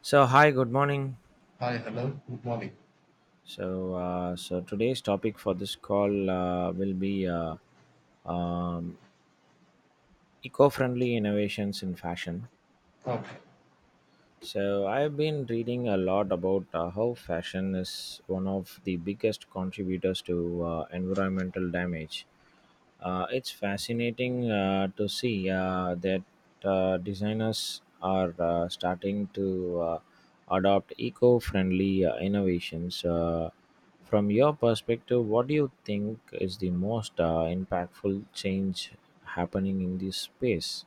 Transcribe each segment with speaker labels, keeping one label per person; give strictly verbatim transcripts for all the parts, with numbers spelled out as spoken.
Speaker 1: So hi, good morning.
Speaker 2: Hi, hello, good morning.
Speaker 1: So uh, so today's topic for this call uh, will be uh, um, eco-friendly innovations in fashion.
Speaker 2: Okay.
Speaker 1: So, I've been reading a lot about uh, how fashion is one of the biggest contributors to uh, environmental damage. Uh, it's fascinating uh, to see uh, that uh, designers are uh, starting to uh, adopt eco friendly uh, innovations. Uh, from your perspective, what do you think is the most uh, impactful change happening in this space?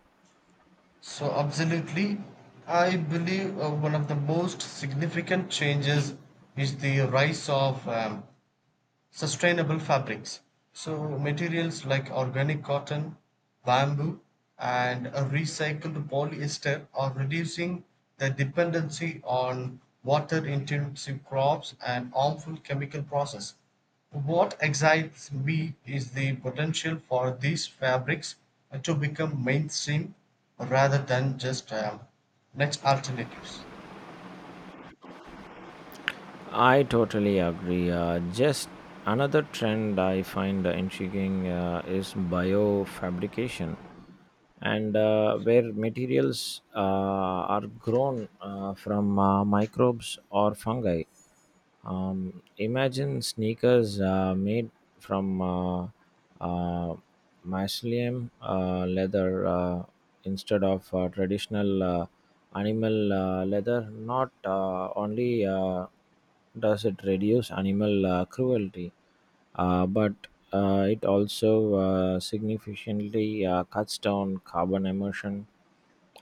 Speaker 2: So, absolutely, I believe uh, one of the most significant changes is the rise of um, sustainable fabrics. So materials like organic cotton, bamboo and a recycled polyester are reducing the dependency on water intensive crops and harmful chemical processes. What excites me is the potential for these fabrics to become mainstream rather than just um, niche alternatives.
Speaker 1: I totally agree. Uh, just another trend I find intriguing uh, is biofabrication, and uh, where materials uh, are grown uh, from uh, microbes or fungi. Um, imagine sneakers uh, made from uh, uh, mycelium uh, leather uh, instead of uh, traditional uh, animal uh, leather, not uh, only. Uh, does it reduce animal uh, cruelty, uh, but uh, it also uh, significantly uh, cuts down carbon emission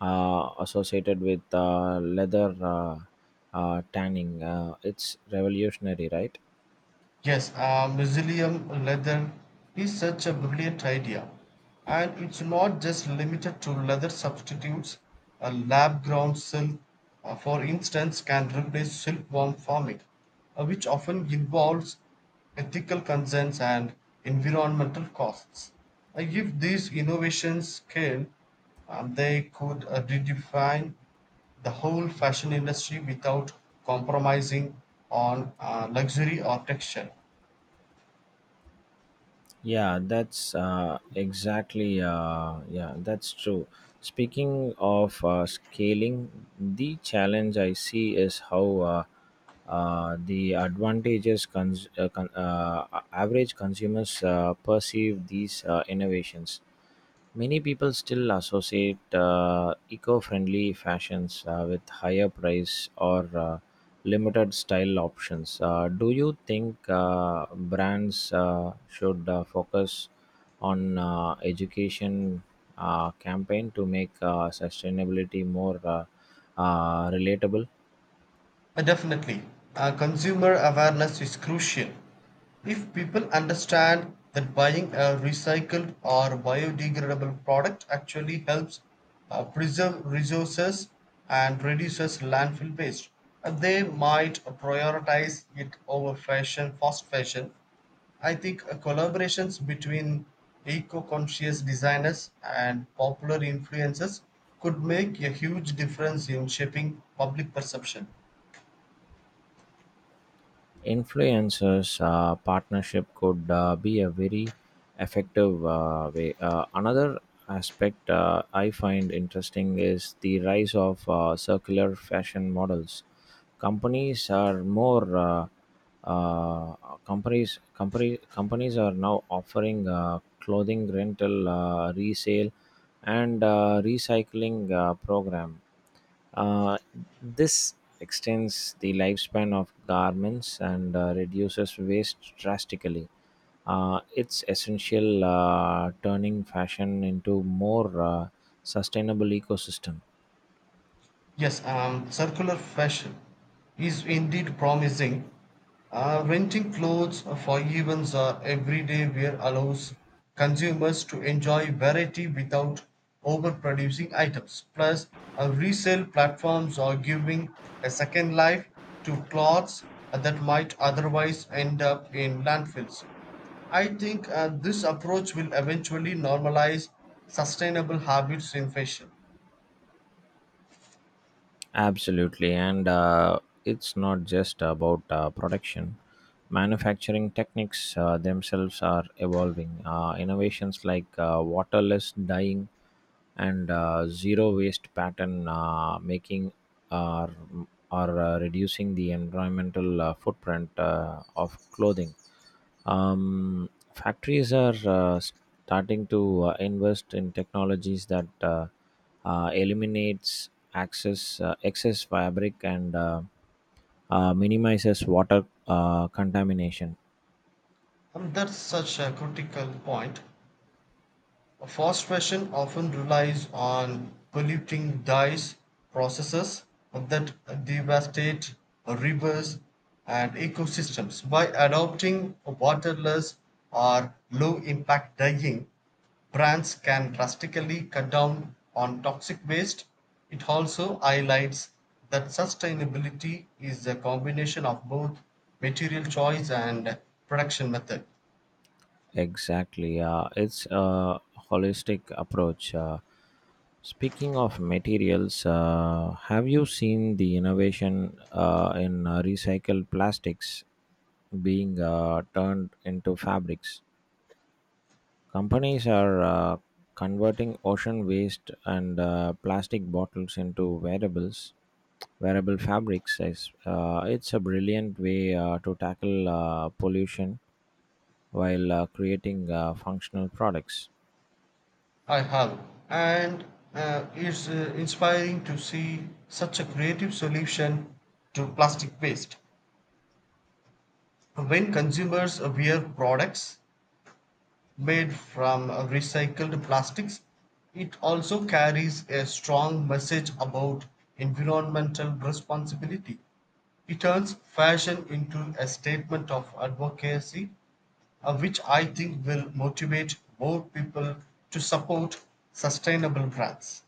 Speaker 1: uh, associated with uh, leather uh, uh, tanning. Uh, it's revolutionary, right?
Speaker 2: Yes, a museum leather is such a brilliant idea. And it's not just limited to leather substitutes. A lab grown silk, uh, for instance, can replace silkworm farming, uh, which often involves ethical concerns and environmental costs. Uh, if these innovations scale, um, they could uh, redefine the whole fashion industry without compromising on uh, luxury or texture.
Speaker 1: Yeah, that's uh, exactly. Uh, yeah, that's true. Speaking of uh, scaling, the challenge I see is how uh, uh, the advantages cons- uh, con- uh, a- average consumers uh, perceive these uh, innovations. Many people still associate uh, eco friendly fashions uh, with higher price or uh, limited style options. Uh, do you think uh, brands uh, should uh, focus on uh, education uh, campaign to make uh, sustainability more uh, uh, relatable.
Speaker 2: Uh, Definitely, uh, consumer awareness is crucial. If people understand that buying a recycled or biodegradable product actually helps uh, preserve resources and reduces landfill waste, uh, they might prioritize it over fashion, fast fashion. I think uh, collaborations between eco-conscious designers and popular influencers could make a huge difference in shaping public perception.
Speaker 1: Influencers uh, partnership could uh, be a very effective uh, way. Uh, another aspect uh, I find interesting is the rise of uh, circular fashion models. Companies are more uh, uh, companies company, companies are now offering uh, clothing rental, uh, resale, and uh, recycling uh, program. Uh, this extends the lifespan of garments and uh, reduces waste drastically. Uh, it's essential uh, turning fashion into more uh, sustainable ecosystem.
Speaker 2: Yes, um, circular fashion is indeed promising. Uh, renting clothes for events or everyday wear allows consumers to enjoy variety without overproducing items. Plus, uh, resale platforms are giving a second life to clothes that might otherwise end up in landfills. I think uh, this approach will eventually normalize sustainable habits in fashion.
Speaker 1: Absolutely, and uh, it's not just about uh, production. Manufacturing techniques uh, themselves are evolving. Uh, innovations like uh, waterless dyeing and uh, zero waste pattern uh, making are are uh, reducing the environmental uh, footprint uh, of clothing. Um, factories are uh, starting to uh, invest in technologies that uh, uh, eliminates access uh, excess fabric and uh, uh, minimizes water uh, contamination.
Speaker 2: Um, That's such a critical point. Fast fashion often relies on polluting dyes processes that devastate rivers and ecosystems. By adopting waterless or low impact dyeing, brands can drastically cut down on toxic waste. It also highlights that sustainability is a combination of both material choice and production method.
Speaker 1: Exactly, uh, it's a holistic approach. Uh, speaking of materials, uh, have you seen the innovation uh, in uh, recycled plastics being uh, turned into fabrics? Companies are uh, converting ocean waste and uh, plastic bottles into wearables wearable fabrics is uh, it's a brilliant way uh, to tackle uh, pollution while uh, creating uh, functional products
Speaker 2: I have, and uh, it's uh, inspiring to see such a creative solution to plastic waste. When consumers wear products made from uh, recycled plastics, it also carries a strong message about environmental responsibility. It turns fashion into a statement of advocacy, uh, which I think will motivate more people to support sustainable brands.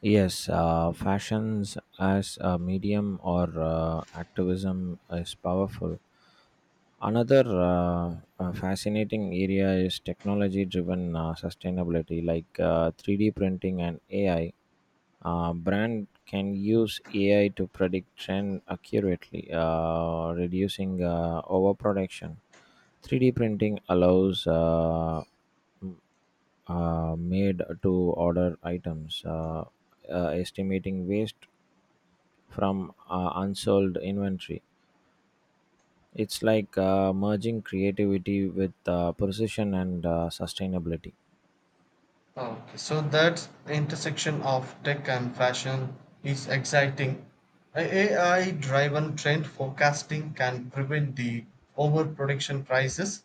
Speaker 1: yes uh, fashions as a medium or uh, activism is powerful another uh, uh, fascinating area is technology driven uh, sustainability like uh, three D printing and ai. Uh, brand can use A I to predict trend accurately, uh, reducing uh, overproduction. three D printing allows uh, m- uh, made to order items, uh, uh, estimating waste from uh, unsold inventory. It's like uh, merging creativity with uh, precision and uh, sustainability.
Speaker 2: Okay, so that intersection of tech and fashion is exciting. A- AI driven trend forecasting can prevent the overproduction prices,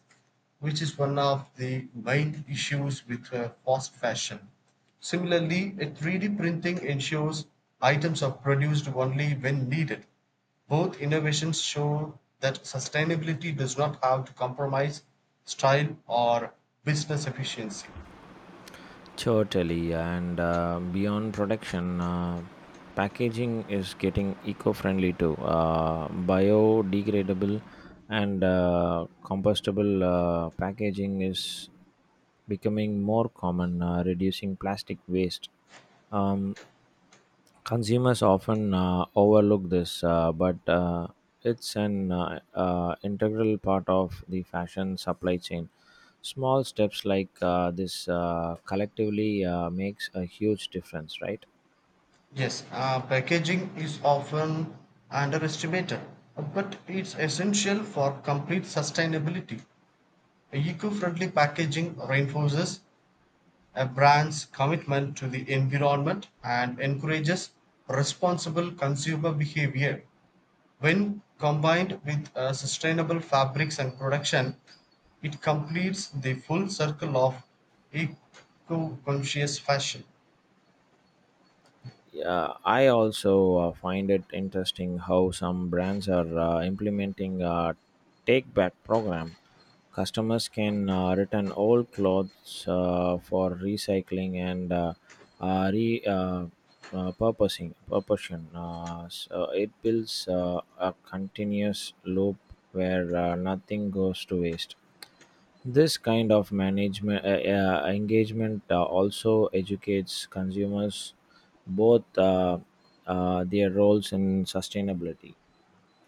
Speaker 2: which is one of the main issues with uh, fast fashion. Similarly, a three D printing ensures items are produced only when needed. Both innovations show that sustainability does not have to compromise style or business efficiency.
Speaker 1: Totally, and uh, beyond production, uh, packaging is getting eco-friendly too. Uh, biodegradable and uh, compostable uh, packaging is becoming more common, uh, reducing plastic waste. Um, Consumers often uh, overlook this, uh, but uh, it's an uh, uh, integral part of the fashion supply chain. Small steps like uh, this uh, collectively uh, makes a huge difference, right?
Speaker 2: Yes, uh, packaging is often underestimated, but it's essential for complete sustainability. Eco friendly packaging reinforces a brand's commitment to the environment and encourages responsible consumer behavior. When combined with uh, sustainable fabrics and production, it completes the full circle of eco conscious fashion.
Speaker 1: Yeah, I also uh, find it interesting how some brands are uh, implementing a take back program. Customers can uh, return old clothes uh, for recycling and uh, uh, re uh, uh, purposing purposing. Uh, so it builds uh, a continuous loop where uh, nothing goes to waste. This kind of management uh, uh, engagement uh, also educates consumers both uh, uh, their roles in sustainability.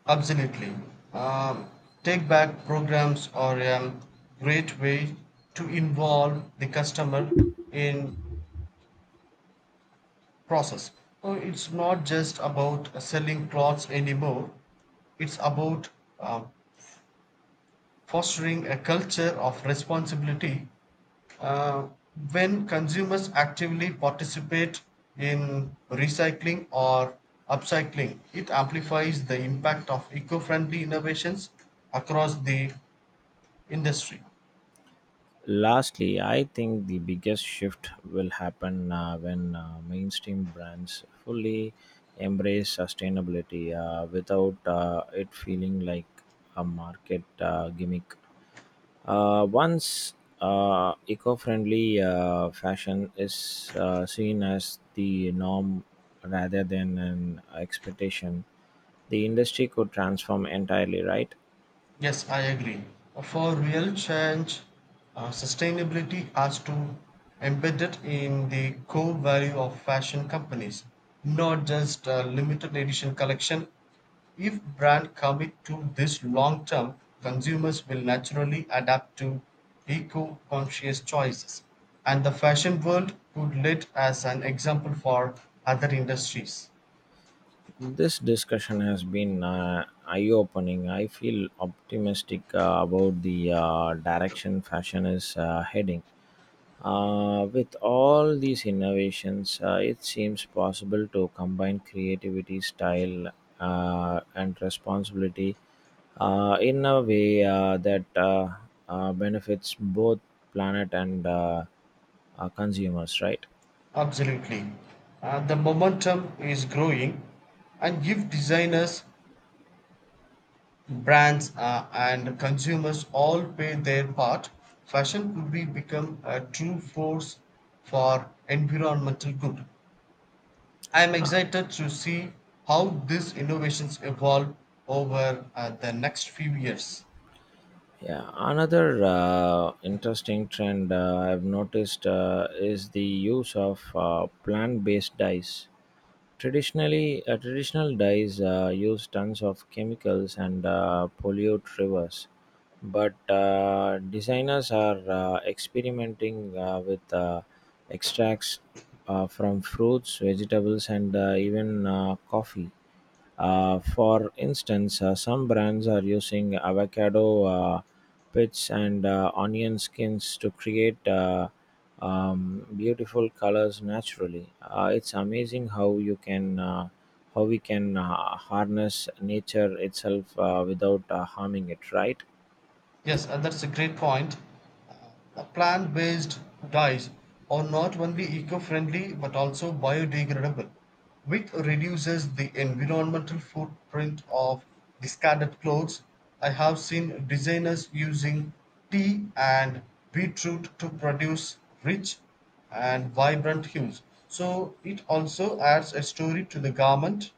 Speaker 2: Absolutely. Um, Take back programs are a great way to involve the customer in process. So it's not just about uh, selling clothes anymore. It's about uh, fostering a culture of responsibility, uh, when consumers actively participate in recycling or upcycling, it amplifies the impact of eco friendly innovations across the industry.
Speaker 1: Lastly, I think the biggest shift will happen uh, when uh, mainstream brands fully embrace sustainability uh, without uh, it feeling like a market uh, gimmick. Uh, once uh, eco friendly uh, fashion is uh, seen as the norm rather than an expectation, the industry could transform entirely, right?
Speaker 2: Yes, I agree. For real change, uh, sustainability has to embed it in the core value of fashion companies, not just a limited edition collection. If brand commit to this long term, consumers will naturally adapt to eco-conscious choices, and the fashion world could lead as an example for other industries.
Speaker 1: This discussion has been uh, eye opening. I feel optimistic uh, about the uh, direction fashion is uh, heading. Uh, with all these innovations, uh, it seems possible to combine creativity, style, uh, and responsibility uh, in a way uh, that uh, uh, benefits both planet and uh, uh, consumers, right?
Speaker 2: Absolutely. Uh, the momentum is growing, and if designers, brands, uh, and consumers all play their part, fashion could be become a true force for environmental good. I am
Speaker 1: Uh,
Speaker 2: excited to see how these innovations evolve over uh, the next few years.
Speaker 1: Yeah, another uh, interesting trend uh, I've noticed uh, is the use of uh, plant-based dyes. Traditionally, uh, traditional dyes uh, use tons of chemicals and uh, pollute rivers, but uh, designers are uh, experimenting uh, with uh, extracts uh, from fruits, vegetables, and uh, even uh, coffee. Uh, for instance, uh, some brands are using avocado uh, pits and uh, onion skins to create uh, um, beautiful colors naturally. Uh, it's amazing how you can uh, how we can uh, harness nature itself uh, without uh, harming it, right?
Speaker 2: Yes, uh, that's a great point. Plant based dyes are not only eco friendly but also biodegradable, which reduces the environmental footprint of discarded clothes. I have seen designers using tea and beetroot to produce rich and vibrant hues. So it also adds a story to the garment,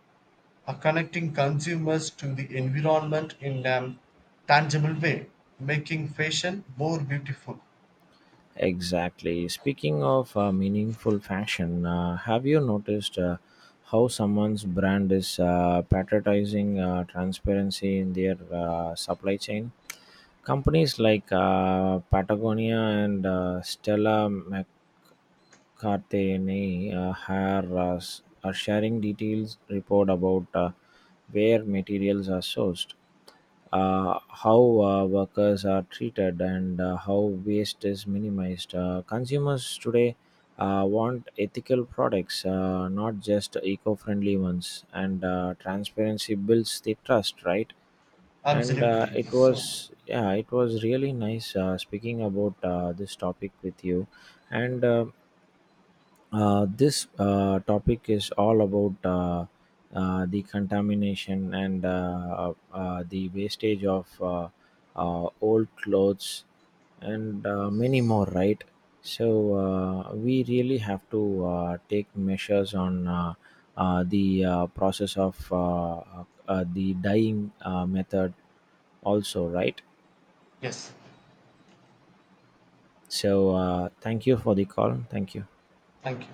Speaker 2: uh, connecting consumers to the environment in a tangible way, making fashion more beautiful.
Speaker 1: Exactly. Speaking of uh, meaningful fashion, uh, have you noticed uh, how someone's brand is uh, patronizing uh, transparency in their uh, supply chain? Companies like uh, Patagonia and uh, Stella Cartagena uh, are, uh, s- are sharing details report about uh, where materials are sourced, uh, how uh, workers are treated, and uh, how waste is minimized. Uh, consumers today uh, want ethical products, uh, not just eco-friendly ones, and uh, transparency builds the trust, right? and uh,
Speaker 2: Absolutely.
Speaker 1: it
Speaker 2: So,
Speaker 1: was yeah it was really nice uh, speaking about uh, this topic with you and uh, uh, this uh, topic is all about uh, uh, the contamination and uh, uh, uh, the wastage of uh, uh, old clothes and uh, many more, right? So uh, we really have to uh, take measures on uh, uh, the uh, process of uh, uh, the dyeing uh, method, also, right?
Speaker 2: yes,
Speaker 1: So uh, thank you for the call. Thank you.
Speaker 2: thank you.